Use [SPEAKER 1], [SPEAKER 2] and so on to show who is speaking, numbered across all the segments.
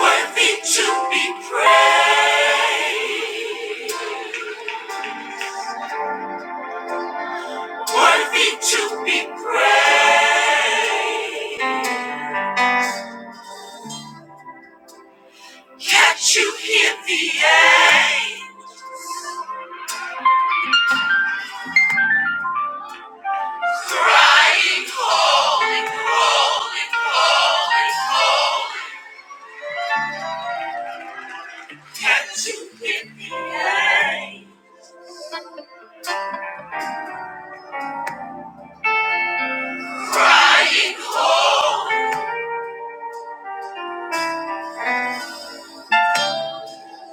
[SPEAKER 1] Worthy to be praised. Worthy to be praised. Can't you hear the angels crying, holy, holy, holy, holy? Can't you hear the angels crying, holy?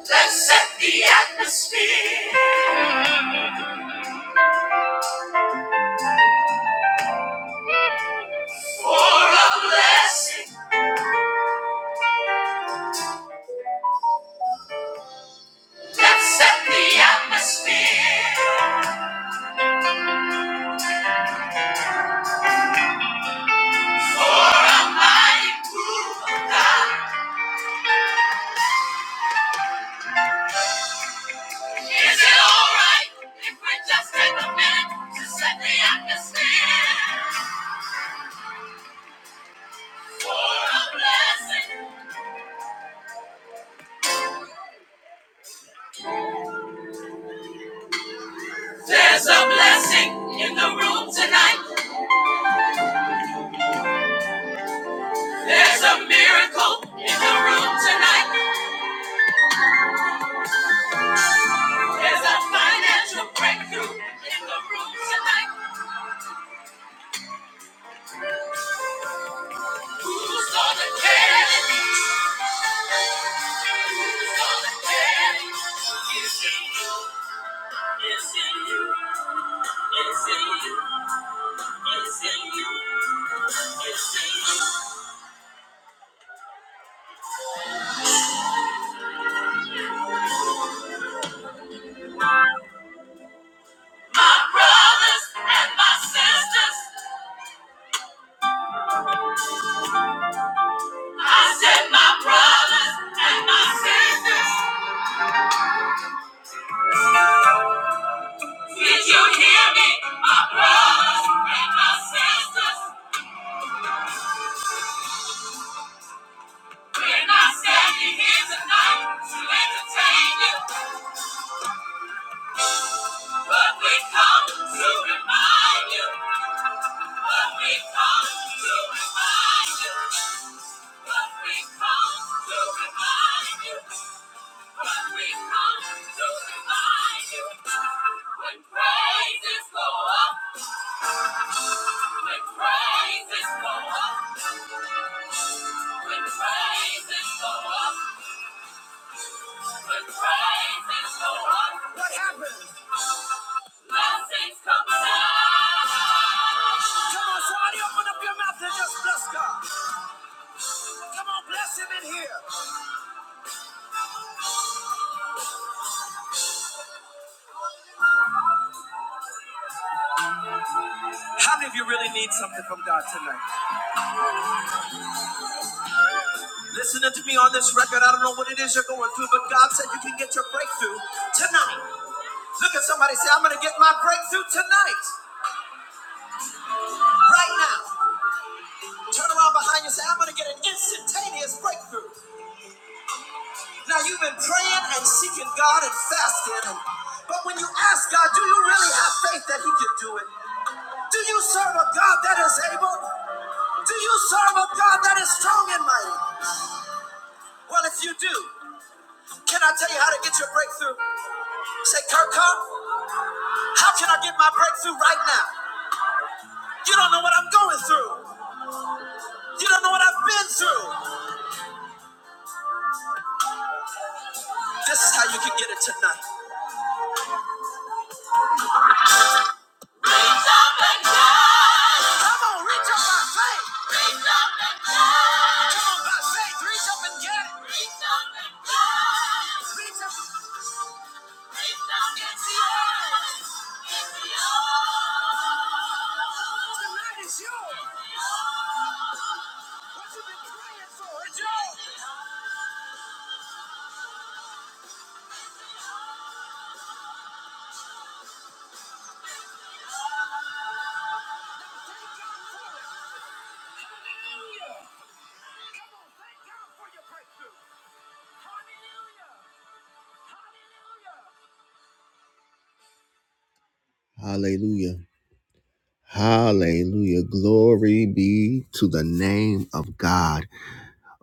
[SPEAKER 1] Let's set the atmosphere for a blessing. Let's set the atmosphere for a mighty move of God. Is it alright if we just take a minute to set the atmosphere for a blessing? There's a blessing in the room tonight. There's a miracle in the room tonight. There's a financial breakthrough in the room tonight. Who's gonna care? But we come to remind you. What happens? Blessings come down. Come on, somebody your mouth and just bless God. Come on, bless him in here. How many of you really need something from God tonight? Listening to me on this record, I don't know what it is you're going through, but God said you can get your breakthrough tonight. Look at somebody say, I'm going to get my breakthrough tonight, right now. Turn around behind you say, I'm going to get an instantaneous breakthrough. Now, you've been praying and seeking God and fasting, and, but when you ask God, do you really have faith that He can do it? Do you serve a God that is able? Do you serve a God that is strong and mighty? Well, if you do, can I tell you how to get your breakthrough? Say, Kirk, how can I get my breakthrough right now? You don't know what I'm going through. You don't know what I've been through. This is how you can get it tonight. Reach up and touch. Come on, reach up by faith. Reach up and touch. Come on, by faith, reach up and get it. Reach up and touch. Reach up. Reach up. It's yours. It's yours. Tonight is yours. What you've been praying for is yours. Hallelujah. Hallelujah. Glory be to the name of God.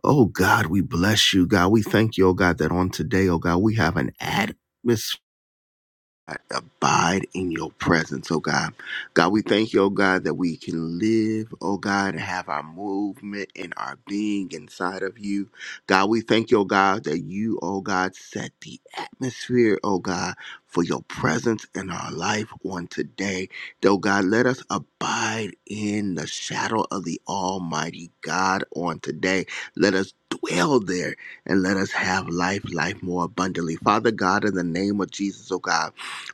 [SPEAKER 1] Oh God, we bless you, God. We thank you, oh God, that on today, oh God, we have an atmosphere abide in your presence, oh God. God, we thank you, oh God, that we can live, oh God, and have our movement and our being inside of you. God, we thank you, oh God, that you, oh God, set the atmosphere, oh God, for your presence in our life on today. Though God, let us abide in the shadow of the Almighty God on today. Let us dwell there and let us have life, life more abundantly. Father God, in the name of Jesus, oh God.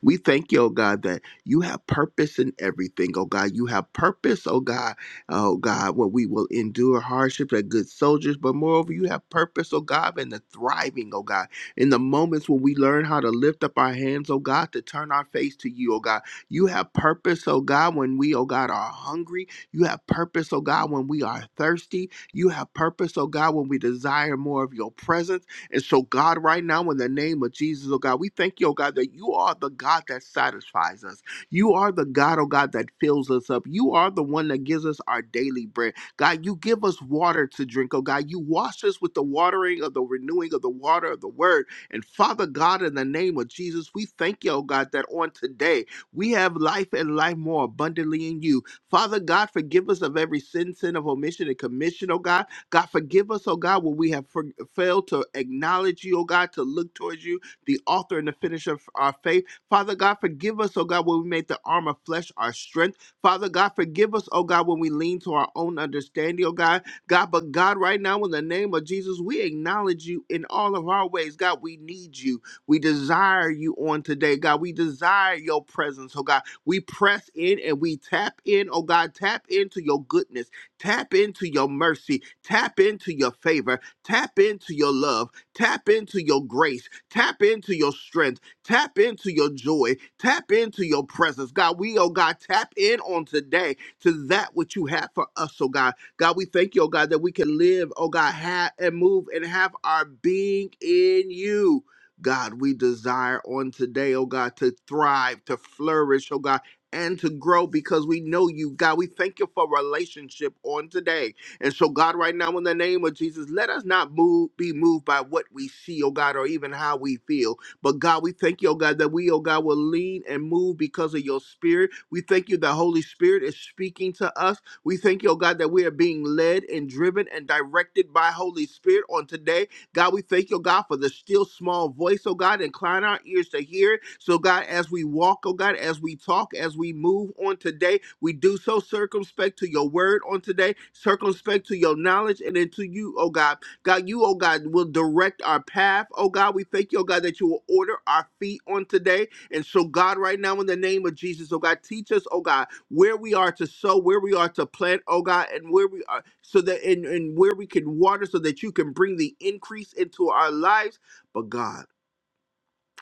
[SPEAKER 1] We thank you, oh God, that you have purpose in everything, oh God. You have purpose, oh God, oh God, where we will endure hardships as good soldiers, but moreover, you have purpose, oh God, in the thriving, oh God, in the moments when we learn how to lift up our hands, oh God, to turn our face to you, oh God. You have purpose, oh God, when we, oh God, are hungry. You have purpose, oh God, when we are thirsty. You have purpose, oh God, when we desire more of your presence. And so, God, right now, in the name of Jesus, oh God, we thank you, oh God, that you are the God that satisfies us. You are the God, oh God, that fills us up. You are the one that gives us our daily bread. God, you give us water to drink, oh God. You wash us with the watering of the renewing of the water of the word. And Father God, in the name of Jesus, we thank you, oh God, that on today we have life and life more abundantly in you. Father God, forgive us of every sin, sin of omission and commission, oh God. God, forgive us, oh God, when we have for- failed to acknowledge you, oh God, to look towards you, the author and the finisher of our faith. Father God, forgive us, oh God, when we make the arm of flesh our strength. Father God, forgive us, oh God, when we lean to our own understanding, oh God. God, but God, right now, in the name of Jesus, we acknowledge you in all of our ways. God, we need you. We desire you on today, God. We desire your presence, oh God. We press in and we tap in, oh God. Tap into your goodness. Tap into your mercy Tap into your favor. Tap into your love. Tap into your grace. Tap into your strength. Tap into your joy. Tap into your presence. God, we, oh God, tap in on today to that which you have for us, oh God. God, we thank you, oh God, that we can live, oh God, have and move and have our being in you. God, we desire on today, oh God, to thrive, to flourish, oh God, and to grow because we know you, God. We thank you for relationship on today. And so, God, right now, in the name of Jesus, let us not move, be moved by what we see, oh God, or even how we feel. But God, we thank you, oh God, that we, oh God, will lean and move because of your spirit. We thank you that Holy Spirit is speaking to us. We thank you, oh God, that we are being led and driven and directed by Holy Spirit on today. God, we thank you, oh God, for the still small voice, oh God, incline our ears to hear it. So, God, as we walk, oh God, as we talk, as we move on today, we do so circumspect to your word on today, circumspect to your knowledge, and into you, oh God. God, you, oh God, will direct our path. Oh God, we thank you, oh God, that you will order our feet on today. And so, God, right now, in the name of Jesus, oh God, teach us, oh God, where we are to sow, where we are to plant, oh God, and where we are so that and, and where we can water so that you can bring the increase into our lives. But God.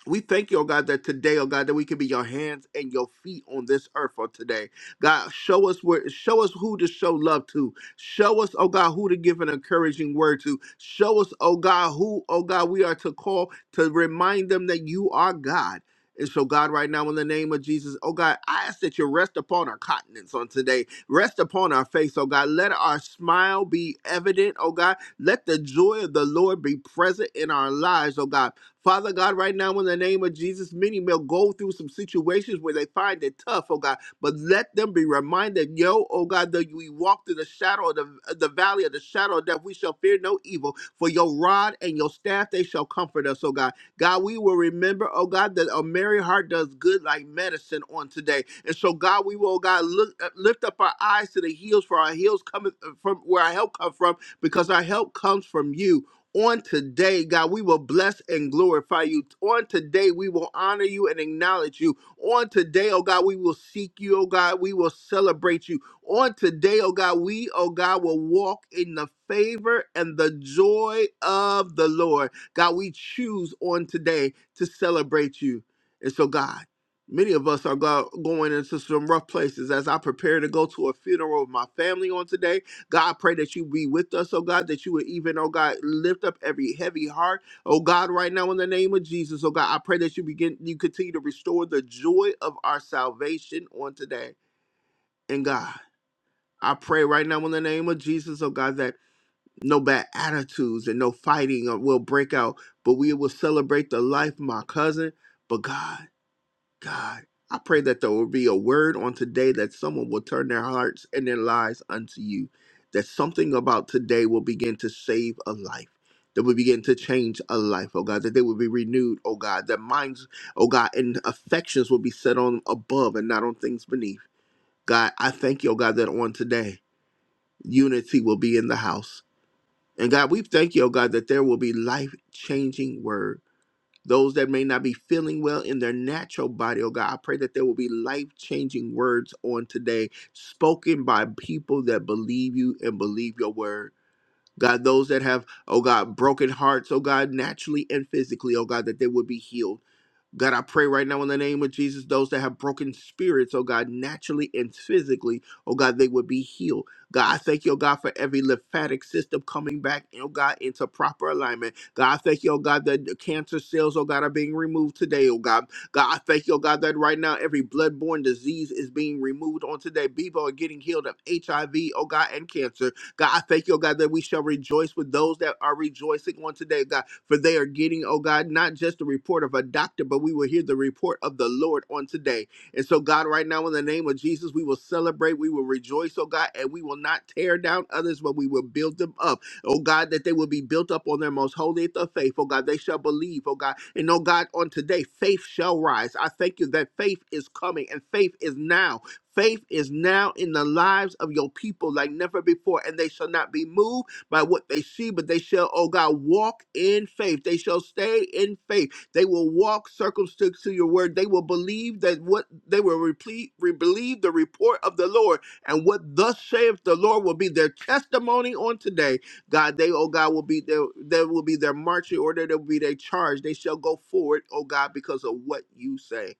[SPEAKER 1] We thank you, oh God, that today, oh God, that we can be your hands and your feet on this earth on today. God, show us where, show us who to show love to. Show us, oh God, who to give an encouraging word to. Show us, oh God, who, oh God, we are to call to remind them that you are God. And so, God, right now, in the name of Jesus, oh God, I ask that you rest upon our countenance on today. Rest upon our face, oh God. Let our smile be evident, oh God. Let the joy of the Lord be present in our lives, oh God. Father God, right now in the name of Jesus, many will go through some situations where they find it tough, oh God, but let them be reminded, yo, oh God, that we walk through the shadow of the, the valley of the shadow of death, we shall fear no evil, for your rod and your staff, they shall comfort us, oh God. God, we will remember, oh God, that a merry heart does good like medicine on today. And so, God, we will, oh God, look, uh, lift up our eyes to the hills, for our hills cometh uh, from where our help comes from, because our help comes from you. On today, God, we will bless and glorify you. On today, we will honor you and acknowledge you. On today, oh God, we will seek you, oh God. We will celebrate you. On today, oh God, we, oh God, will walk in the favor and the joy of the Lord. God, we choose on today to celebrate you. And so, God, many of us are go- going into some rough places as I prepare to go to a funeral of my family on today. God, I pray that you be with us, oh God, that you would even, oh God, lift up every heavy heart. Oh God, right now in the name of Jesus, oh God, I pray that you begin you continue to restore the joy of our salvation on today. And God, I pray right now in the name of Jesus, oh God, that no bad attitudes and no fighting will break out, but we will celebrate the life of my cousin. But God. God, I pray that there will be a word on today that someone will turn their hearts and their lives unto you. That something about today will begin to save a life. That will begin to change a life, oh God. That they will be renewed, oh God. That minds, oh God, and affections will be set on above and not on things beneath. God, I thank you, oh God, that on today, unity will be in the house. And God, we thank you, oh God, that there will be life changing word those that may not be feeling well in their natural body, oh God. I pray that there will be life changing words on today spoken by people that believe you and believe your word. God, those that have, oh God, broken hearts, oh God, naturally and physically, oh God, that they would be healed. God, I pray right now in the name of Jesus, those that have broken spirits, oh God, naturally and physically, oh God, they would be healed. God, I thank you, oh God, for every lymphatic system coming back, oh God, into proper alignment. God, I thank you, oh God, that the cancer cells, oh God, are being removed today, oh God. God, I thank you, oh God, that right now every bloodborne disease is being removed on today. People are getting healed of HIV, oh God, and cancer. God, I thank you, oh God, that we shall rejoice with those that are rejoicing on today, God, for they are getting, oh God, not just the report of a doctor, but we will hear the report of the Lord on today. And so, God, right now, in the name of Jesus, we will celebrate, we will rejoice, oh God, and we will not tear down others, but we will build them up oh God, that they will be built up on their most holy of faith, oh God, they shall believe, oh God, and oh God, on today, faith shall rise. I thank you that faith is coming and faith is now, Faith is now in the lives of your people like never before, and they shall not be moved by what they see, but they shall, oh God, walk in faith. They shall stay in faith. They will walk circumspect to your word. They will believe that what they will replete, re- believe the report of the Lord, and what thus saith the Lord will be their testimony on today. God, they, oh God, will be their, there will be their marching order, there will be their charge. They shall go forward, oh God, because of what you say.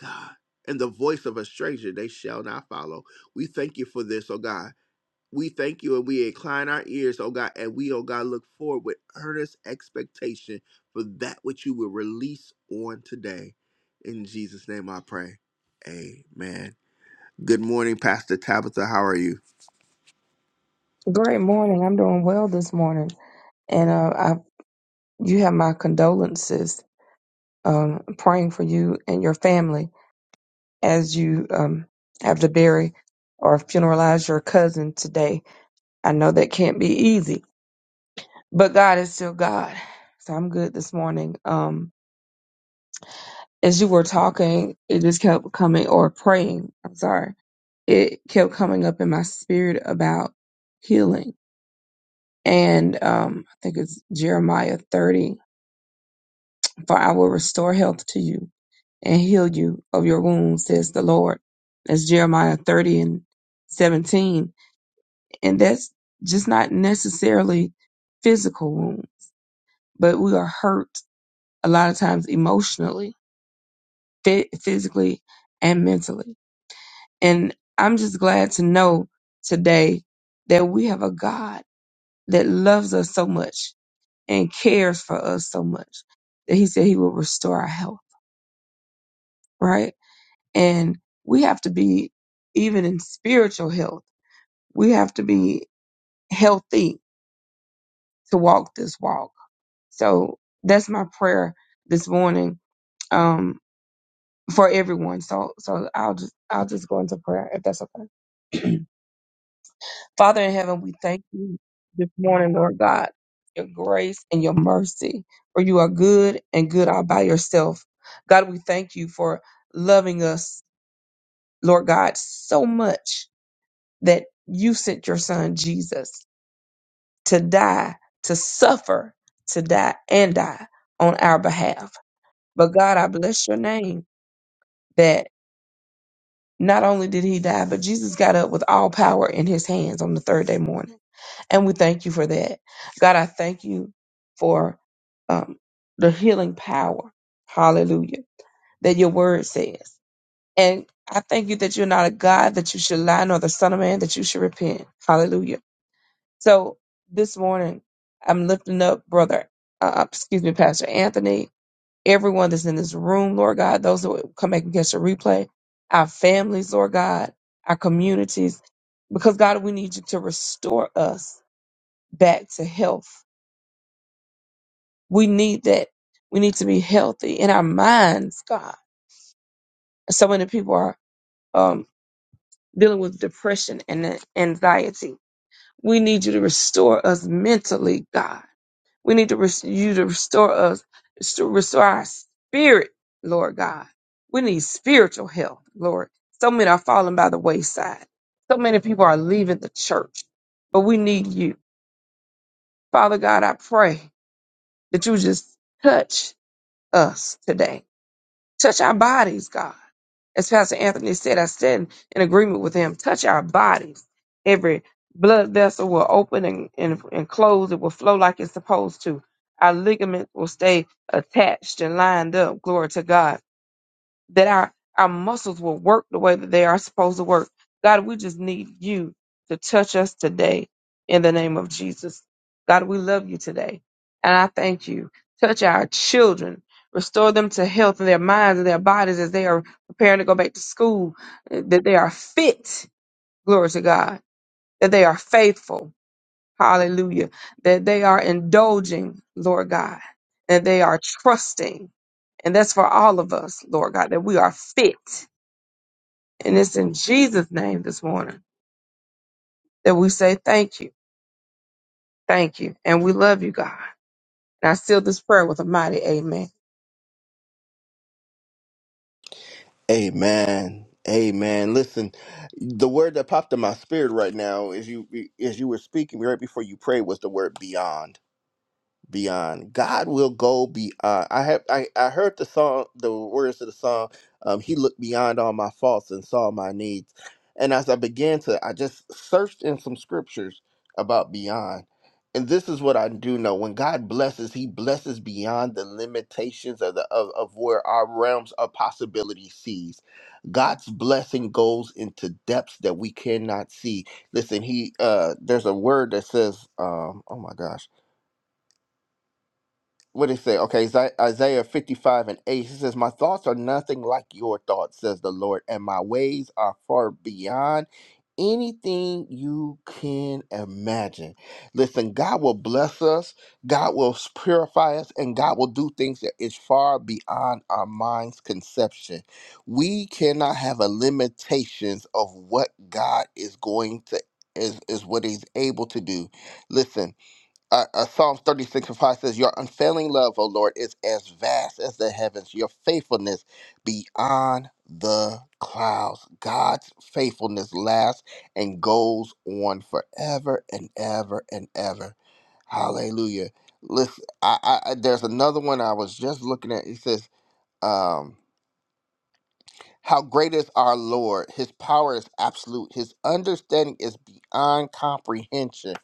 [SPEAKER 1] God. And the voice of a stranger they shall not follow. We thank you for this, oh God. We thank you and we incline our ears, oh God, and we, oh God, look forward with earnest expectation for that which you will release on today. In Jesus' name I pray. Amen. Good morning, Pastor Tabitha. How are you?
[SPEAKER 2] Great morning. I'm doing well this morning, and uh, I you have my condolences. Um, praying for you and your family as you um have to bury or funeralize your cousin today. I know that can't be easy, but God is still God, so I'm good this morning. Um, as you were talking, it just kept coming or praying. I'm sorry, it kept coming up in my spirit about healing, and um, I think it's Jeremiah 30 For I will restore health to you and heal you of your wounds, says the Lord. That's Jeremiah 30 and 17. And that's just not necessarily physical wounds, but we are hurt a lot of times emotionally, phy- physically, and mentally. And I'm just glad to know today that we have a God that loves us so much and cares for us so much that He said He will restore our health, right? And we have to be, even in spiritual health, we have to be healthy to walk this walk. So that's my prayer this morning um, for everyone. So, so I'll just, I'll just go into prayer if that's okay. Father in heaven, we thank you this morning, Lord God, your grace and your mercy, for you are good and good all by yourself. God, we thank you for loving us, Lord God, so much that you sent your son Jesus to die, to suffer, to die and die on our behalf. But God, I bless your name that not only did he die, but Jesus got up with all power in his hands on the third day morning. And we thank you for that. God, I thank you for um, the healing power. Hallelujah. That your word says. And I thank you that you're not a God that you should lie, nor the Son of Man that you should repent. Hallelujah. So this morning, I'm lifting up brother, uh, uh, excuse me, Pastor Anthony, everyone that's in this room, Lord God, those that will come back and catch the replay, our families, Lord God, our communities, because God, we need you to restore us back to health. We need that. We need to be healthy in our minds, God. So many people are um, dealing with depression and anxiety. We need you to restore us mentally, God We need to res- you to restore us, to restore our spirit, Lord God. We need spiritual health, Lord. So many are falling by the wayside. So many people are leaving the church, but we need you. Father God, I pray that you just touch us today Touch our bodies, God. As Pastor Anthony said, I stand in agreement with him. Touch our bodies. Every blood vessel will open and, and, and close. It will flow like it's supposed to. Our ligaments will stay attached and lined up. Glory to God that our, our muscles will work the way that they are supposed to work. God, we just need you to touch us today in the name of Jesus. God, we love you today. And I thank you. Touch our children. Restore them to health in their minds and their bodies as they are preparing to go back to school, eh, that they are fit, glory to God, that they are faithful, Hallelujah. That they are indulging, Lord God, and they are trusting. And that's for all of us, Lord God, that we are fit. And it's in Jesus' name this morning that we say thank you, thank you, and we love you, God. And I seal this prayer with a mighty amen.
[SPEAKER 1] Amen. Amen. Listen, the word that popped in my spirit right now as you as you were speaking right before you prayed was the word beyond. beyond. God will go be. Uh, I have I, I heard the song, the words of the song. Um, he looked beyond all my faults and saw my needs. And as I began to, I just searched in some scriptures about beyond. And this is what I do know: when God blesses, He blesses beyond the limitations of the of, of where our realms of possibility sees. God's blessing goes into depths that we cannot see. Listen, He uh, there's a word that says, um, "Oh my gosh." what did it say? Okay, Isa- Isaiah 55 and 8. It says, My thoughts are nothing like your thoughts, says the Lord, and my ways are far beyond anything you can imagine. Listen, God will bless us, God will s- purify us, and God will do things that is far beyond our mind's conception. We cannot have a limitations of what God is going to is, is what he's able to do. Listen, uh, uh, Psalms 36 and 5 says, Your unfailing love, O Lord, is as vast as the heavens, your faithfulness beyond the clouds. God's faithfulness lasts and goes on forever and ever and ever. Hallelujah. Listen, I, I, I- there's another one I was just looking at. It says, um, How great is our Lord? His power is absolute, His understanding is beyond comprehension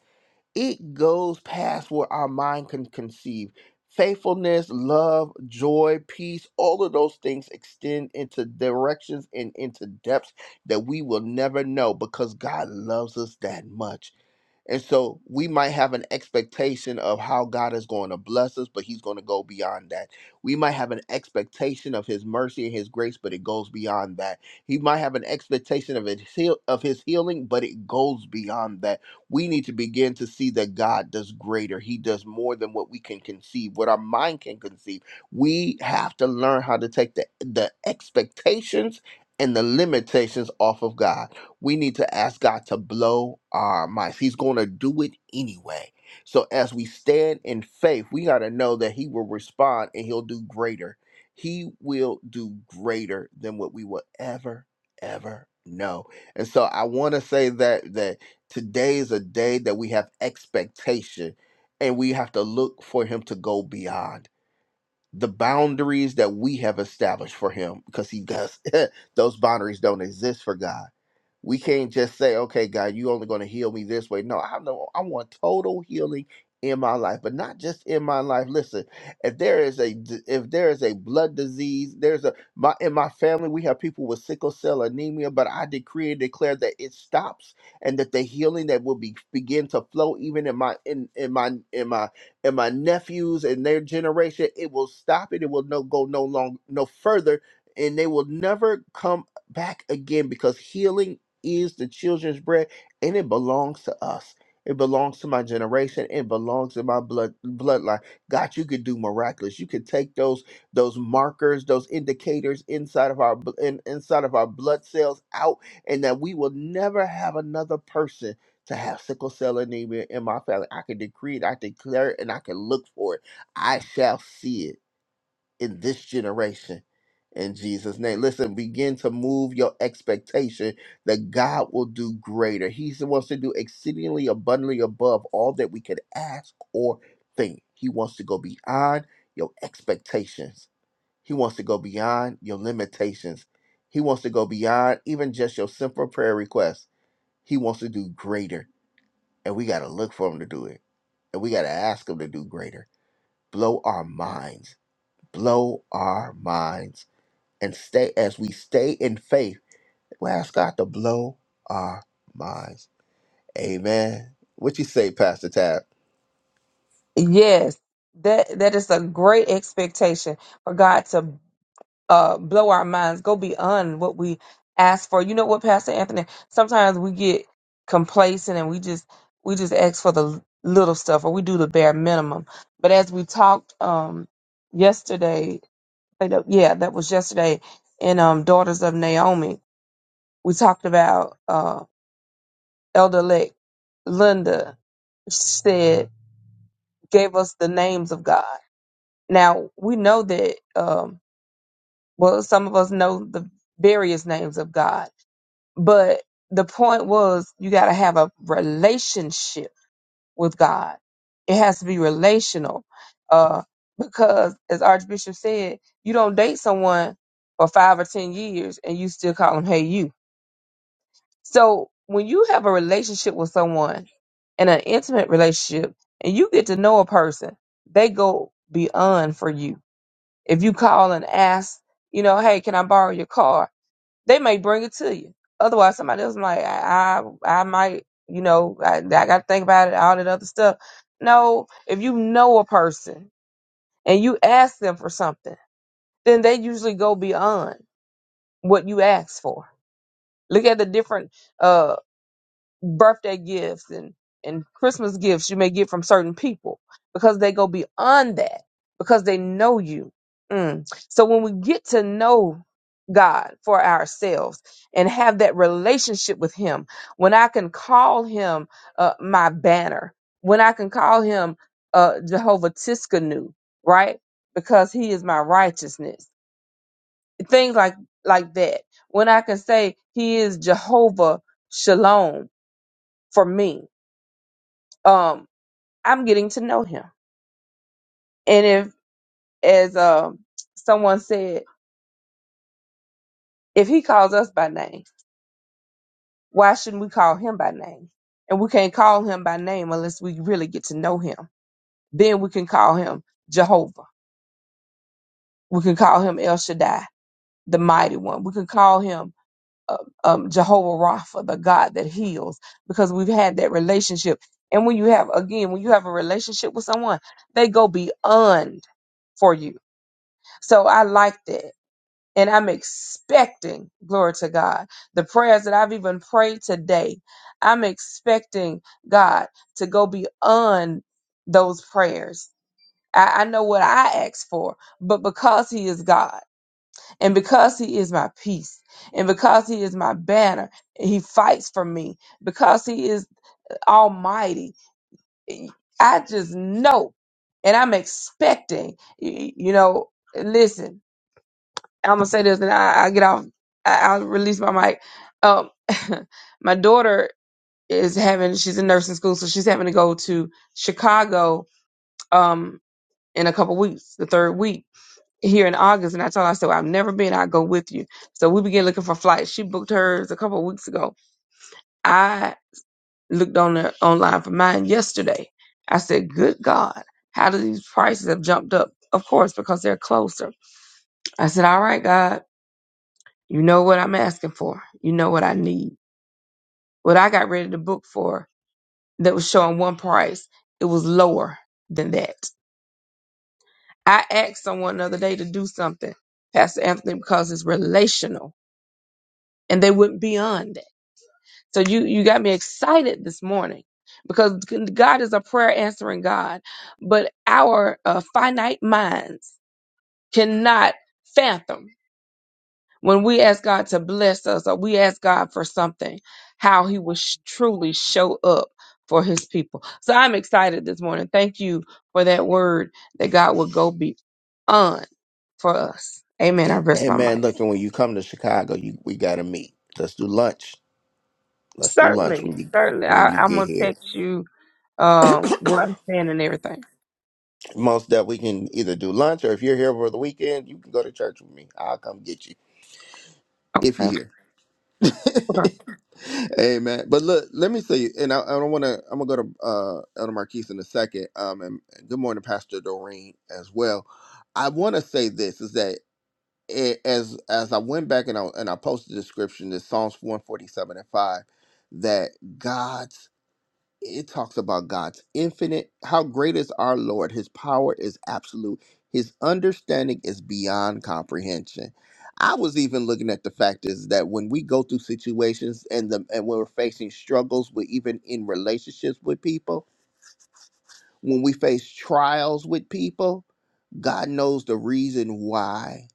[SPEAKER 1] it goes past what our mind can conceive. Faithfulness, love, joy, peace, all of those things extend into directions and into depths that we will never know because God loves us that much. And so we might have an expectation of how God is going to bless us, but He's going to go beyond that. We might have an expectation of His mercy and His grace, but it goes beyond that. He might have an expectation of His heal- of His healing, but it goes beyond that. We need to begin to see that God does greater. He does more than what we can conceive, what our mind can conceive. We have to learn how to take the the expectations and the limitations off of God we need to ask God to blow our minds. He's going to do it anyway. So as we stand in faith, we got to know that he will respond and he'll do greater. He will do greater than what we will ever ever know. And so I want to say that that today is a day that we have expectation and we have to look for him to go beyond the boundaries that we have established for him because he does those boundaries don't exist for God we can't just say, okay, God, you only going to heal me this way. No, I know I want total healing in my life, but not just in my life. Listen, if there is a d- if there is a blood disease, there's a my in my family we have people with sickle cell anemia, but I decree and declare that it stops and that the healing that will be begin to flow even in my in in my in my in my nephews and their generation, it will stop it. It will no go no long no further, and they will never come back again because healing is the children's bread, and it belongs to us. It belongs to my generation. It belongs to my blood bloodline. God, you could do miraculous. You could take those those markers, those indicators inside of our bl- in, inside of our blood cells out, and that we will never have another person to have sickle cell anemia in my family. I can decree it. I declare it, and I can look for it. I shall see it in this generation. In Jesus' name. Listen, begin to move your expectation that God will do greater. He wants to do exceedingly abundantly above all that we could ask or think. He wants to go beyond your expectations, He wants to go beyond your limitations. He wants to go beyond even just your simple prayer requests. He wants to do greater, and we got to look for Him to do it, and we got to ask Him to do greater. Blow our minds. Blow our minds and stay as we stay in faith. We ask God to blow our minds. Amen. What you say, Pastor Tab?
[SPEAKER 2] Yes, that that is a great expectation for God to uh, blow our minds, go beyond what we ask for. You know what, Pastor Anthony? Sometimes we get complacent and we just we just ask for the l- little stuff, or we do the bare minimum. But as we talked um, yesterday, I know- yeah, that was yesterday in um, Daughters of Naomi, we talked about uh, Elder Lake Linda said gave us the names of God. Now we know that um, well, some of us know the various names of God But the point was, you got to have a relationship with God. It has to be relational. Uh, because, as Archbishop said, you don't date someone for five or 10 years and you still call them, hey, you. So when you have a relationship with someone and an intimate relationship and you get to know a person, they go beyond for you. If you call and ask, you know, hey, can I borrow your car? They may bring it to you. Otherwise, somebody else might. I, I, I might. You know, I, I got to think about it. All that other stuff. No, if you know a person and you ask them for something, then they usually go beyond what you ask for. Look at the different. uh, birthday gifts and, and Christmas gifts you may get from certain people because they go beyond that because they know you. Mm. So when we get to know God for ourselves and have that relationship with Him, when I can call Him uh, my banner, when I can call Him uh, Jehovah Tiskanu, right? Because He is my righteousness. Things like like that. When I can say He is Jehovah Shalom for me um I'm getting to know him. And if as um someone said, if he calls us by name, why shouldn't we call him by name? And we can't call him by name unless we really get to know him. Then we can call him Jehovah. We can call him El Shaddai, the mighty one. We can call him uh, um, Jehovah Rapha, the God that heals, because we've had that relationship. And when you have, again, when you have a relationship with someone, they go beyond for you. So I like that And I'm expecting, glory to God, the prayers that I've even prayed today. I'm expecting God to go beyond those prayers. I, I know what I asked for, but because He is God and because He is my peace and because He is my banner, and He fights for me because He is Almighty. I just know and I'm expecting, y- you know, listen. I'm gonna say this, and I, I get off. I, I'll release my mic. Um, my daughter is having. She's in nursing school, so she's having to go to Chicago. Um, in a couple weeks, the third week here in August, and I told her, I said, well, "I've never been. I'll go with you." So we began looking for flights. She booked hers a couple of weeks ago. I looked on the online for mine yesterday. I said, "Good God, how do these prices have jumped up?" Of course, because they're closer. I said, "All right, God." You know what I'm asking for. You know what I need. What I got ready to book for that was showing one price, it was lower than that. I asked someone the other day to do something, Pastor Anthony, because it's relational and they went beyond that. So you, you got me excited this morning because God is a prayer answering God, but our uh, finite minds cannot fathom When we ask God to bless us or we ask God for something, how he will sh- truly show up for his people. So I'm excited this morning. Thank you for that word that God will go beyond for us. Amen. I rest my
[SPEAKER 1] Amen.
[SPEAKER 2] mic.
[SPEAKER 1] Looking when you come to Chicago, you we gotta meet. Let's do lunch. Let's do lunch
[SPEAKER 2] Certainly,
[SPEAKER 1] when you
[SPEAKER 2] certainly.
[SPEAKER 1] when
[SPEAKER 2] I,
[SPEAKER 1] you
[SPEAKER 2] I'm
[SPEAKER 1] get
[SPEAKER 2] gonna
[SPEAKER 1] here.
[SPEAKER 2] text you um where I'm standing and everything.
[SPEAKER 1] Most that we can either do lunch or if you're here for the weekend, you can go to church with me. I'll come get you if
[SPEAKER 2] Okay.
[SPEAKER 1] you're here.
[SPEAKER 2] okay.
[SPEAKER 1] Amen. But look, let me say, and I, I don't want to. I'm gonna go to uh, Elder Marquise in a second. Um, and, and good morning, Pastor Doreen, as well. I want to say this is that it, as as I went back and I and I posted the description, this Psalms 147 and 5, that God it talks about God's infinite. How great is our Lord? His power is absolute. His understanding is beyond comprehension. I was even looking at the fact is that when we go through situations and the and when we're facing struggles with even in relationships with people, when we face trials with people, God knows the reason why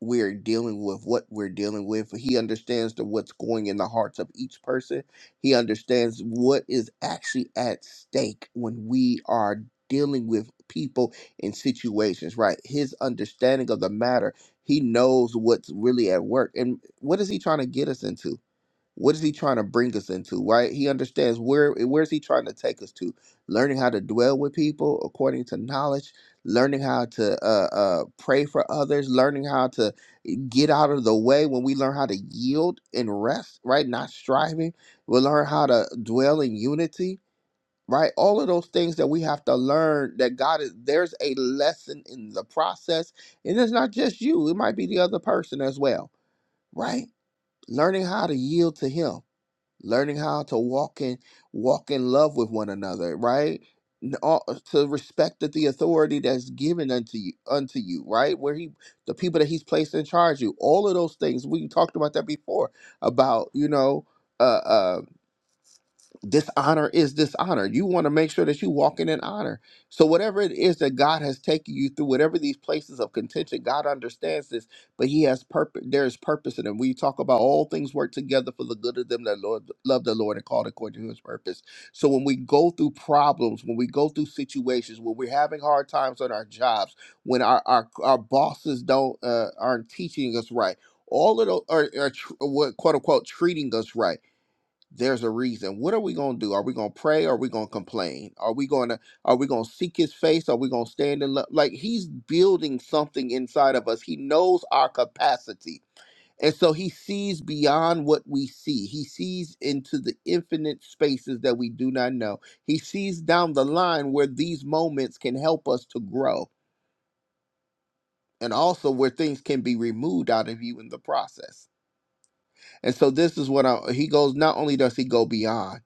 [SPEAKER 1] we're dealing with what we're dealing with. He understands the, what's going in the hearts of each person. He understands what is actually at stake when we are dealing with people in situations, right? His understanding of the matter, he knows what's really at work. And what is he trying to get us into? what is he trying to bring us into right he understands where where's he trying to take us to learning how to dwell with people according to knowledge learning how to uh, uh, pray for others learning how to get out of the way when we learn how to yield and rest right not striving we'll learn how to dwell in unity right all of those things that we have to learn that god is there's a lesson in the process and it's not just you it might be the other person as well right learning how to yield to him learning how to walk in walk in love with one another right N- all- uh, to respect that the authority that's given unto you unto you right where he the people that he's placed in charge of you all of those things we talked about that before about you know uh, uh, dishonor is dishonor. You want to make sure that you walking in honor. So whatever it is that God has taken you through, whatever these places of contention, God understands this, but He has purpose. There is purpose in them. We talk about all things work together for the good of them that Lord love the Lord and called according to His purpose. So when we go through problems, when we go through situations, when we're having hard times on our jobs, when our our, our bosses don't uh, aren't teaching us right, all of those are, are tr- what quote unquote treating us right there's a reason. What are we going to do? Are we going to pray? Are we going to complain? Are we going to are we going to seek his face? Are we going to stand in love? Like he's building something inside of us. He knows our capacity. And so he sees beyond what we see. He sees into the infinite spaces that we do not know. He sees down the line where these moments can help us to grow and also where things can be removed out of you in the process. And so this is what I, he goes not only does he go beyond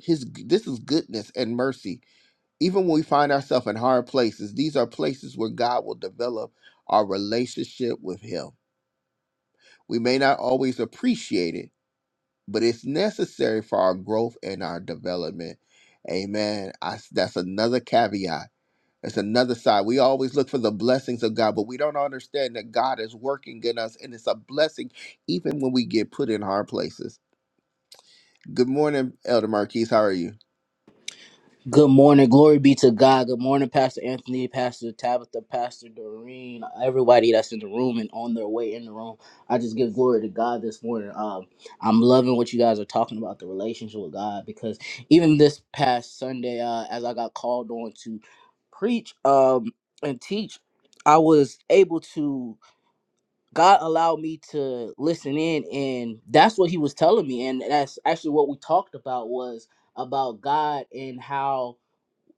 [SPEAKER 1] his this is goodness and mercy even when we find ourselves in hard places these are places where god will develop our relationship with him we may not always appreciate it but it's necessary for our growth and our development amen I, that's another caveat that's another side we always look for the blessings of god but we don't understand that god is working in us and it's a blessing even when we get put in hard places good morning elder marquise how are you
[SPEAKER 3] Good morning. Glory be to God. Good morning, Pastor Anthony, Pastor Tabitha, Pastor Doreen, everybody that's in the room and on their way in the room. I just give glory to God this morning. Um, I'm loving what you guys are talking about, the relationship with God, because even this past Sunday, uh, as I got called on to preach um, and teach, I was able to, God allowed me to listen in, and that's what He was telling me. And that's actually what we talked about was about God and how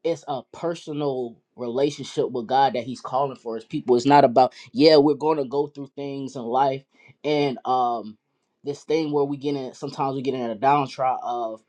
[SPEAKER 3] it's a personal relationship with God that He's calling for His people. It's not about yeah, we're going to go through things in life, and um, this thing where we get in. Sometimes we get in a downtrod of,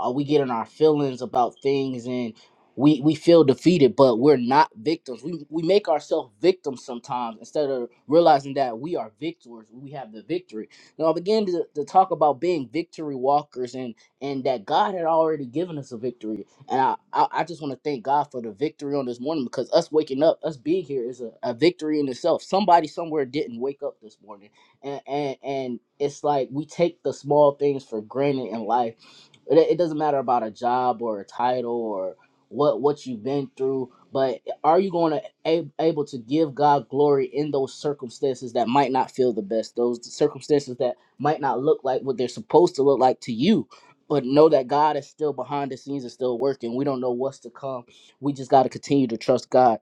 [SPEAKER 3] uh, we get in our feelings about things, and we we feel defeated, but we're not victims. We we make ourselves victims sometimes instead of realizing that we are victors. We have the victory. Now I began to, to talk about being victory walkers and and that God had already given us a victory and I, I I just want to thank God for the victory on this morning because us waking up, us being here is a, a victory in itself. Somebody somewhere didn't wake up this morning. And, and and it's like we take the small things for granted in life. It, it doesn't matter about a job or a title or what what you've been through, but are you going to a, able to give God glory in those circumstances that might not feel the best, those circumstances that might not look like what they're supposed to look like to you? but know that God is still behind the scenes and still working. We don't know what's to come. We just got to continue to trust God.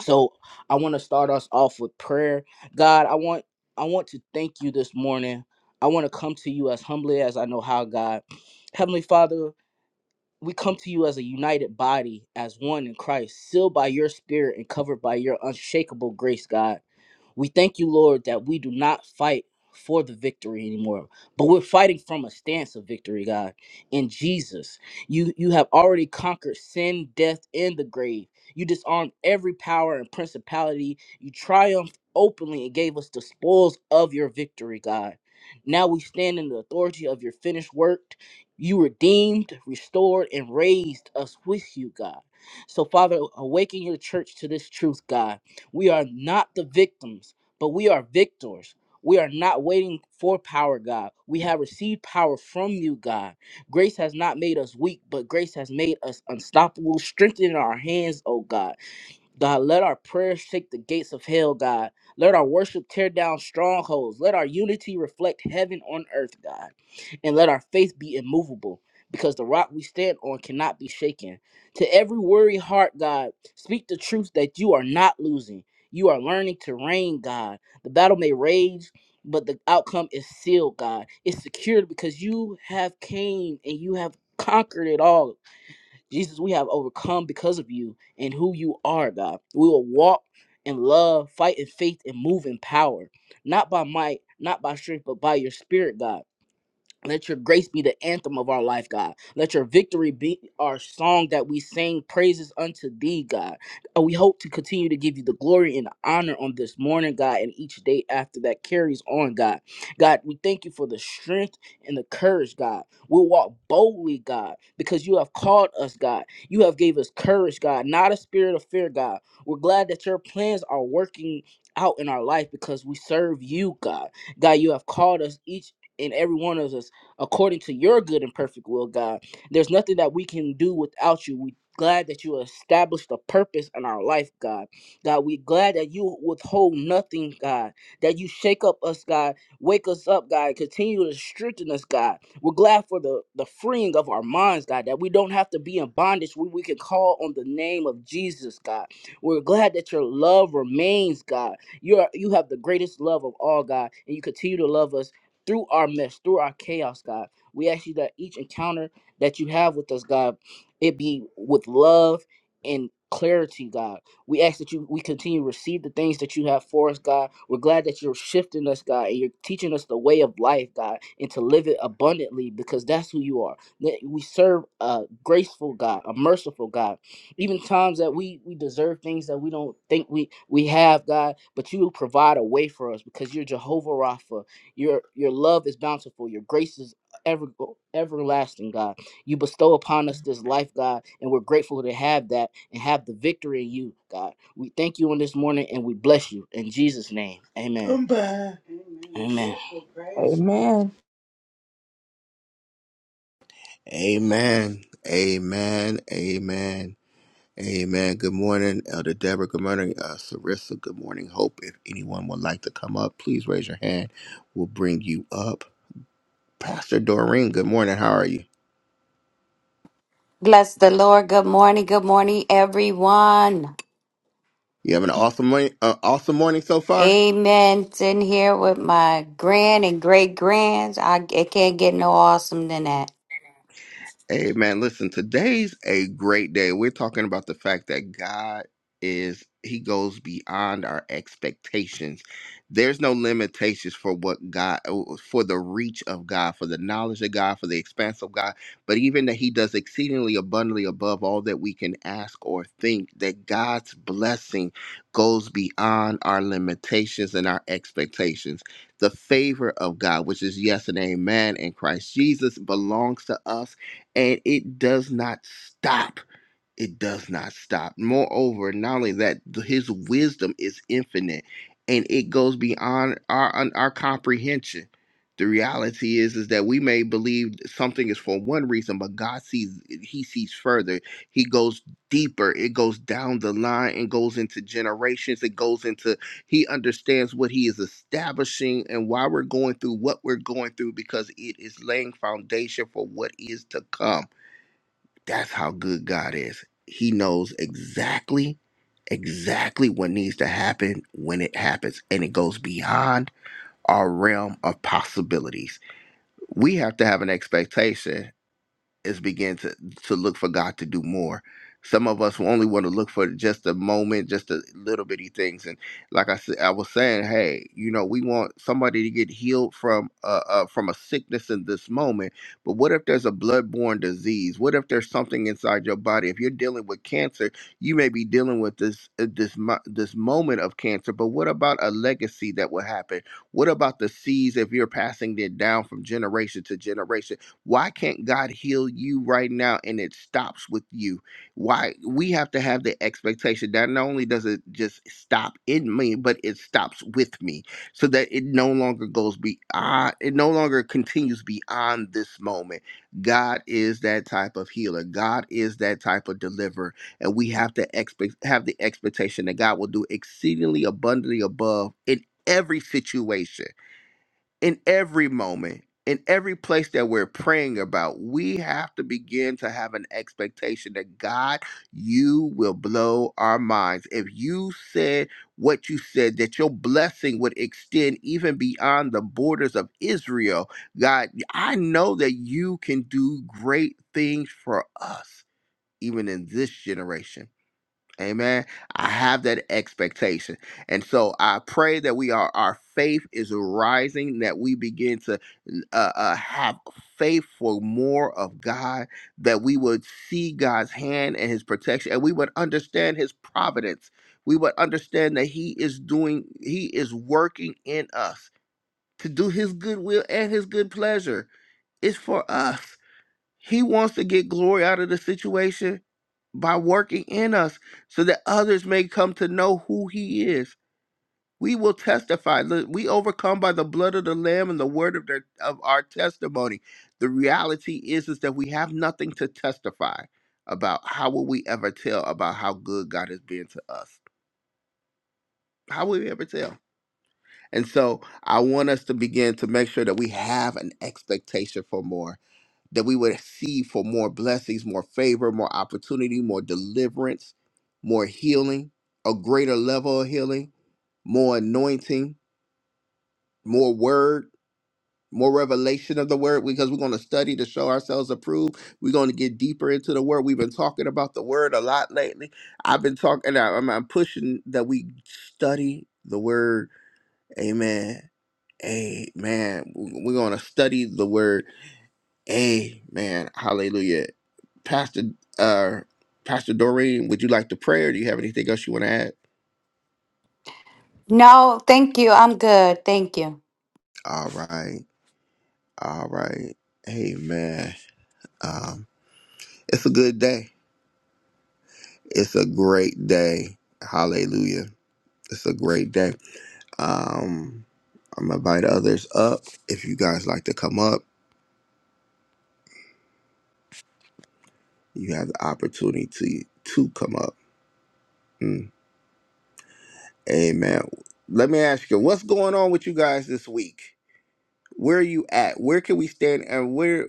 [SPEAKER 3] So I want to start us off with prayer. God, I want I want to thank you this morning. I want to come to you as humbly as I know how, God. Heavenly Father, we come to you as a united body, as one in Christ, sealed by your spirit and covered by your unshakable grace, God. We thank you, Lord, that we do not fight for the victory anymore, but we're fighting from a stance of victory, God. In Jesus, you you have already conquered sin, death, and the grave. You disarmed every power and principality. You triumphed openly and gave us the spoils of your victory, God. Now we stand in the authority of your finished work. You redeemed, restored, and raised us with you, God. So, Father, awaken your church to this truth, God we are not the victims, but we are victors. We are not waiting for power, God. We have received power from you, God. Grace has not made us weak, but grace has made us unstoppable. Strengthen our hands, oh God. God, let our prayers shake the gates of hell, God. Let our worship tear down strongholds. Let our unity reflect heaven on earth, God. And let our faith be immovable because the rock we stand on cannot be shaken. To every weary heart, God, speak the truth that you are not losing. You are learning to reign, God. The battle may rage, but the outcome is sealed, God. It's secured because you have came and you have conquered it all Jesus, we have overcome because of you and who you are, God. We will walk in love, fight in faith, and move in power. Not by might, not by strength, but by your spirit, God. Let your grace be the anthem of our life, God. Let your victory be our song that we sing praises unto thee, God. And we hope to continue to give you the glory and the honor on this morning, God, and each day after that carries on, God. God, we thank you for the strength and the courage, God. We'll walk boldly, God, because you have called us, God. You have gave us courage, God, not a spirit of fear, God. We're glad that your plans are working out in our life because we serve you, God. God, you have called us each and every one of us according to your good and perfect will, God. There's nothing that we can do without you. We glad that you established a purpose in our life, God. God, we glad that you withhold nothing, God. That you shake up us, God. Wake us up, God. Continue to strengthen us, God. We're glad for the, the freeing of our minds, God, that we don't have to be in bondage. We, we can call on the name of Jesus, God. We're glad that your love remains, God. You are you have the greatest love of all, God, and you continue to love us through our mess, through our chaos, God. We ask you that each encounter that you have with us, God, it be with love and clarity, God. We ask that you we continue to receive the things that you have for us, God. We're glad that you're shifting us, God, and you're teaching us the way of life, God, and to live it abundantly because that's who you are. That we serve a graceful God, a merciful God. Even times that we we deserve things that we don't think we we have, God, but you provide a way for us because you're Jehovah Rapha. Your your love is bountiful. Your grace is ever everlasting, God. You bestow upon us this life, God, and we're grateful to have that and have the victory in you, God. We thank you on this morning and we bless you in Jesus' name. Amen. Come back. Amen.
[SPEAKER 2] Amen.
[SPEAKER 1] Amen. Amen. Amen. Amen. Good morning, Elder Deborah. Good morning, uh, Sarissa. Good morning, Hope. If anyone would like to come up, please raise your hand. We'll bring you up. Pastor Doreen, good morning. How are you?
[SPEAKER 4] Bless the Lord. Good morning. Good morning, everyone.
[SPEAKER 1] You having an awesome morning? Uh, awesome morning so far?
[SPEAKER 4] Amen. Sitting here with my grand and great grands. I it can't get no awesome than that.
[SPEAKER 1] Hey man, listen, today's a great day. We're talking about the fact that God is, He goes beyond our expectations. There's no limitations for what God, for the reach of God, for the knowledge of God, for the expanse of God, but even that He does exceedingly abundantly above all that we can ask or think, that God's blessing goes beyond our limitations and our expectations. The favor of God, which is yes and amen in Christ Jesus, belongs to us and it does not stop. It does not stop. Moreover, not only that, his wisdom is infinite and it goes beyond our our comprehension. The reality is is that we may believe something is for one reason, but God sees he sees further. He goes deeper. It goes down the line and goes into generations. It goes into he understands what he is establishing and why we're going through what we're going through because it is laying foundation for what is to come. That's how good God is. He knows exactly, exactly what needs to happen when it happens, and it goes beyond our realm of possibilities. We have to have an expectation is begin to to look for God to do more. Some of us only want to look for just a moment, just a little bitty things. And like I said, I was saying, hey, you know, we want somebody to get healed from uh, uh from a sickness in this moment. But what if there's a bloodborne disease? What if there's something inside your body? If you're dealing with cancer, you may be dealing with this uh, this mo- this moment of cancer. But what about a legacy that will happen? What about the seeds if you're passing it down from generation to generation? Why can't God heal you right now and it stops with you? Why we have to have the expectation that not only does it just stop in me, but it stops with me so that it no longer goes beyond, it no longer continues beyond this moment. God is that type of healer, God is that type of deliverer, and we have to expect have the expectation that God will do exceedingly abundantly above in every situation in every moment, in every place that we're praying about, we have to begin to have an expectation that God, you will blow our minds. If you said what you said, that your blessing would extend even beyond the borders of Israel, God, I know that you can do great things for us, even in this generation. Amen. I have that expectation. And so I pray that we are, our faith is rising, that we begin to uh, uh, have faith for more of God, that we would see God's hand and his protection, and we would understand his providence. We would understand that he is doing, he is working in us to do his good will and his good pleasure. It's for us. He wants to get glory out of the situation by working in us so that others may come to know who he is. We will testify. Look, We overcome by the blood of the Lamb and the word of, their, of our testimony. The reality is, is that we have nothing to testify about. How will we ever tell about how good God has been to us? How will we ever tell? And so I want us to begin to make sure that we have an expectation for more that we would see for more blessings, more favor, more opportunity, more deliverance, more healing, a greater level of healing, more anointing, more word, more revelation of the word, because we're going to study to show ourselves approved. We're going to get deeper into the word. We've been talking about the word a lot lately. I've been talking, I'm, I'm pushing that we study the word. Amen. Amen. We're going to study the word Amen. Hallelujah. Pastor uh Pastor Doreen, would you like to pray or do you have anything else you want to add?
[SPEAKER 4] No, thank you. I'm good. Thank you.
[SPEAKER 1] All right. All right. Amen. Um, it's a good day. It's a great day. Hallelujah. It's a great day. Um, I'm gonna invite others up. If you guys like to come up, you have the opportunity to to come up. Mm. Amen. Let me ask you, what's going on with you guys this week? where are you at where can we stand and where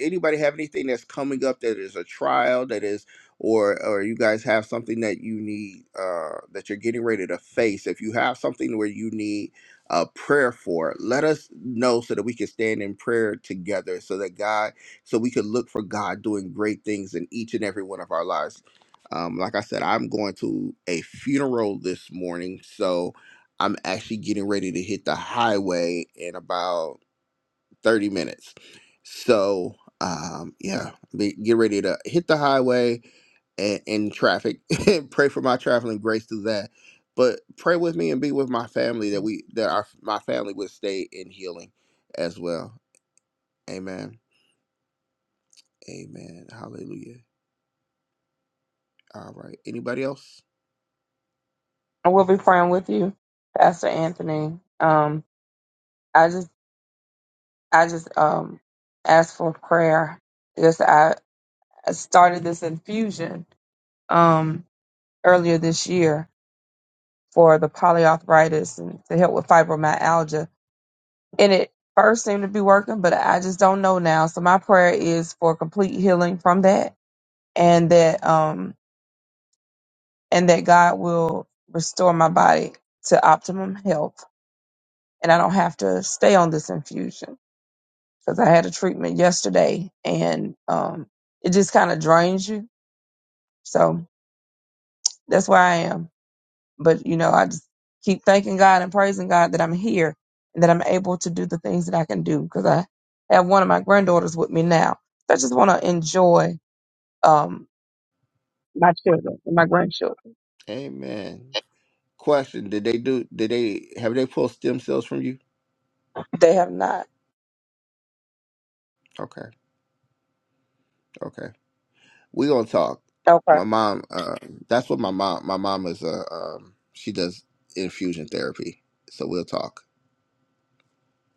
[SPEAKER 1] anybody have anything that's coming up that is a trial that is or or you guys have something that you need uh that you're getting ready to face if you have something where you need a prayer for let us know so that we can stand in prayer together so that god so we can look for god doing great things in each and every one of our lives um, like i said i'm going to a funeral this morning so I'm actually getting ready to hit the highway in about 30 minutes. So, um, yeah, be, get ready to hit the highway and in traffic. pray for my traveling grace through that. But pray with me and be with my family that we that our my family would stay in healing as well. Amen. Amen. Hallelujah. All right. Anybody else?
[SPEAKER 2] I will be praying with you, Pastor Anthony. Um, I just, I just um asked for prayer. Yes, I. I started this infusion um, earlier this year for the polyarthritis and to help with fibromyalgia. And it first seemed to be working, but I just don't know now. So my prayer is for complete healing from that, and that um, and that God will restore my body to optimum health, and I don't have to stay on this infusion because I had a treatment yesterday, and um, it just kind of drains you. So that's where I am. But, you know, I just keep thanking God and praising God that I'm here and that I'm able to do the things that I can do because I have one of my granddaughters with me now. So I just want to enjoy um, my children and my grandchildren.
[SPEAKER 1] Amen. Question: Did they do? Did they have they pulled stem cells from you?
[SPEAKER 2] They have not.
[SPEAKER 1] Okay. Okay. we gonna talk.
[SPEAKER 2] Okay.
[SPEAKER 1] My mom, uh, that's what my mom. My mom is a. um, she does infusion therapy, so we'll talk.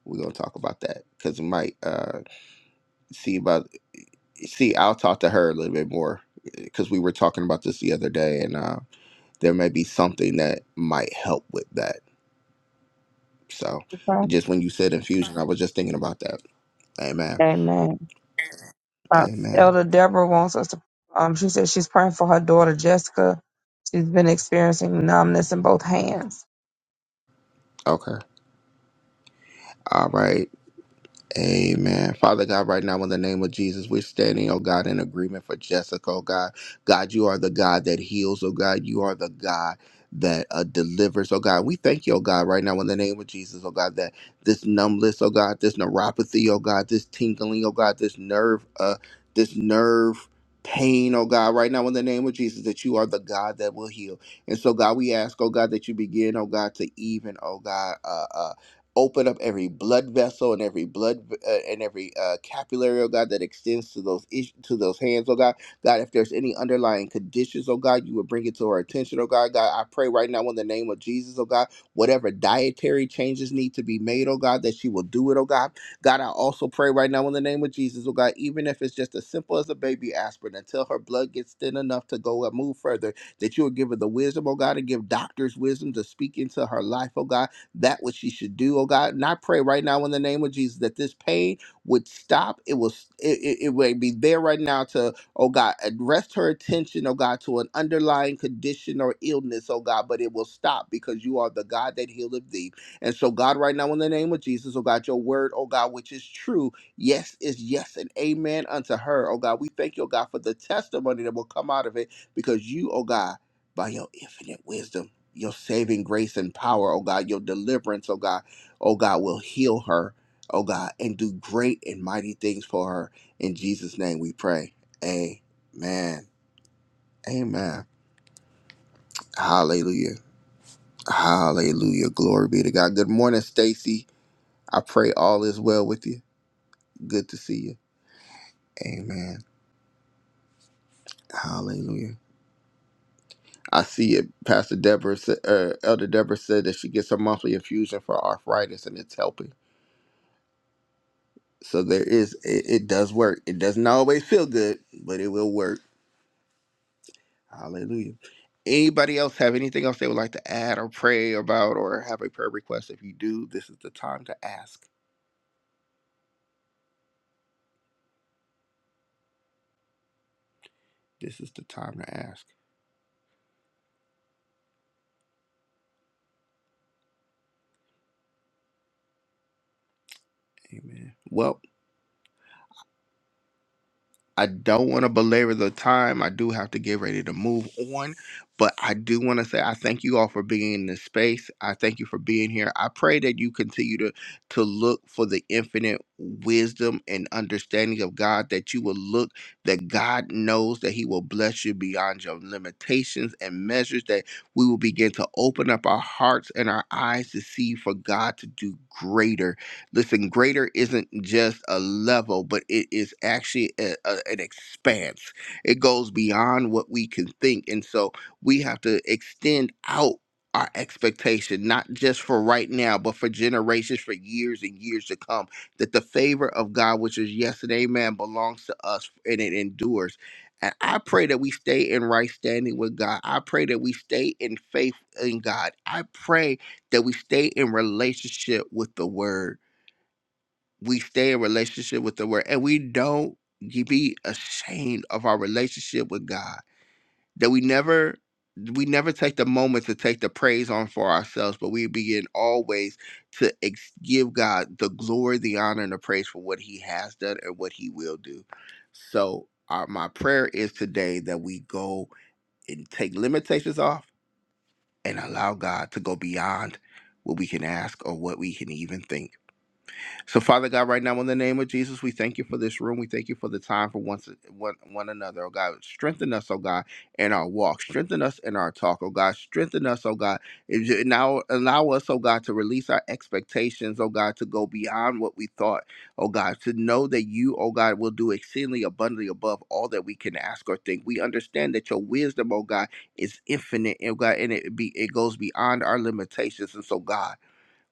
[SPEAKER 1] We're gonna talk about that because we might uh see about see. I'll talk to her a little bit more because we were talking about this the other day, and uh, there may be something that might help with that. So,
[SPEAKER 2] Okay.
[SPEAKER 1] just when you said infusion, I was just thinking about that. Amen.
[SPEAKER 2] Amen. Uh,
[SPEAKER 1] Amen.
[SPEAKER 2] Elder Deborah wants us to. Um, she said she's praying for her daughter Jessica. She's been experiencing numbness in both hands.
[SPEAKER 1] Okay. All right. Amen. Father God, right now in the name of Jesus, we're standing, oh God, in agreement for Jessica, oh God. God, you are the God that heals, oh God. You are the God that uh, delivers, oh God. We thank you, oh God, right now in the name of Jesus, oh God, that this numbness, oh God, this neuropathy, oh God, this tingling, oh God, this nerve, uh, this nerve pain, oh God, right now in the name of Jesus, that you are the God that will heal. And so, God, we ask, oh God, that you begin, oh God, to even, oh God, uh, uh, open up every blood vessel and every blood uh, and every uh, capillary, oh God, that extends to those is- to those hands, oh God. God, if there's any underlying conditions, oh God, you would bring it to our attention, oh God. God, I pray right now in the name of Jesus, oh God, whatever dietary changes need to be made, oh God, that she will do it, oh God. God, I also pray right now in the name of Jesus, oh God, even if it's just as simple as a baby aspirin, until her blood gets thin enough to go and move further, that you will give her the wisdom, oh God, and give doctors wisdom to speak into her life, oh God that which she should do, oh God. And I pray right now in the name of Jesus that this pain would stop. It will it, it, it would be there right now to, oh God, arrest her attention, oh God, to an underlying condition or illness, oh God, but it will stop because you are the God that healeth thee. And so, God, right now in the name of Jesus, oh God, your word, oh God, which is true, yes is yes and amen unto her. Oh God, we thank you, oh God, for the testimony that will come out of it because you, oh God, by your infinite wisdom your saving grace and power, oh God, your deliverance, oh God, oh God, will heal her, oh God, and do great and mighty things for her. In Jesus' name we pray. Amen. Amen. Hallelujah. Hallelujah. Glory be to God. Good morning, Stacy. I pray all is well with you. Good to see you. Amen. Hallelujah. I see it. Pastor Deborah, sa- uh, Elder Deborah said that she gets a monthly infusion for arthritis and it's helping. So there is it, it does work. It doesn't always feel good, but it will work. Hallelujah. Anybody else have anything else they would like to add or pray about or have a prayer request? If you do, this is the time to ask. This is the time to ask. Amen. Well, I don't want to belabor the time. I do have to get ready to move on, but I do want to say I thank you all for being in this space. I thank you for being here. I pray that you continue to to look for the infinite wisdom and understanding of God that you will look that God knows that he will bless you beyond your limitations and measures that we will begin to open up our hearts and our eyes to see for God to do greater Listen, greater isn't just a level, but it is actually a, a- an expanse. It goes beyond what we can think. And so we have to extend out our expectation, not just for right now, but for generations, for years and years to come, that the favor of God, which is yes and amen, belongs to us and it endures. And I pray that we stay in right standing with God. I pray that we stay in faith in God. I pray that we stay in relationship with the word we stay in relationship with the word and we don't ye- be ashamed of our relationship with God. That we never we never take the moment to take the praise on for ourselves, but we begin always to ex- give God the glory, the honor, and the praise for what He has done and what He will do. So, our, my prayer is today that we go and take limitations off and allow God to go beyond what we can ask or what we can even think so, Father God, right now in the name of Jesus, we thank you for this room. We thank you for the time for once one, one another, oh God. Strengthen us, oh God, in our walk. Strengthen us in our talk, oh God. Strengthen us, oh God. If you- now allow us, oh God, to release our expectations, oh God, to go beyond what we thought, oh God, to know that you, oh God, will do exceedingly abundantly above all that we can ask or think. We understand that your wisdom, oh God, is infinite, oh God, and it be it goes beyond our limitations. And so, God.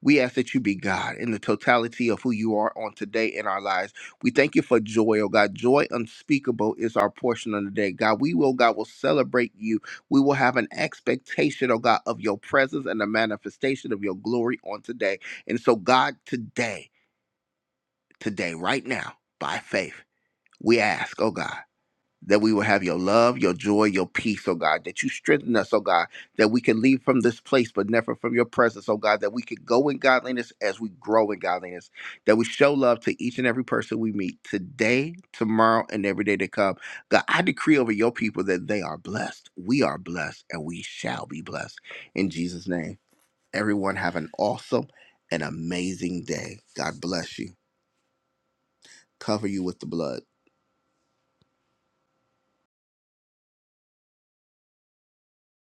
[SPEAKER 1] We ask that you be God in the totality of who you are on today in our lives. We thank you for joy, oh God. Joy unspeakable is our portion on the day. God, we will, God, will celebrate you. We will have an expectation, oh God, of your presence and the manifestation of your glory on today. And so, God, today, today, right now, by faith, we ask, oh God that we will have your love, your joy, your peace, oh God, that you strengthen us, oh God, that we can leave from this place, but never from your presence, oh God, that we can go in godliness as we grow in godliness, that we show love to each and every person we meet today, tomorrow, and every day to come. God, I decree over your people that they are blessed. We are blessed, and we shall be blessed. In Jesus' name, everyone have an awesome and amazing day. God bless you. Cover you with the blood.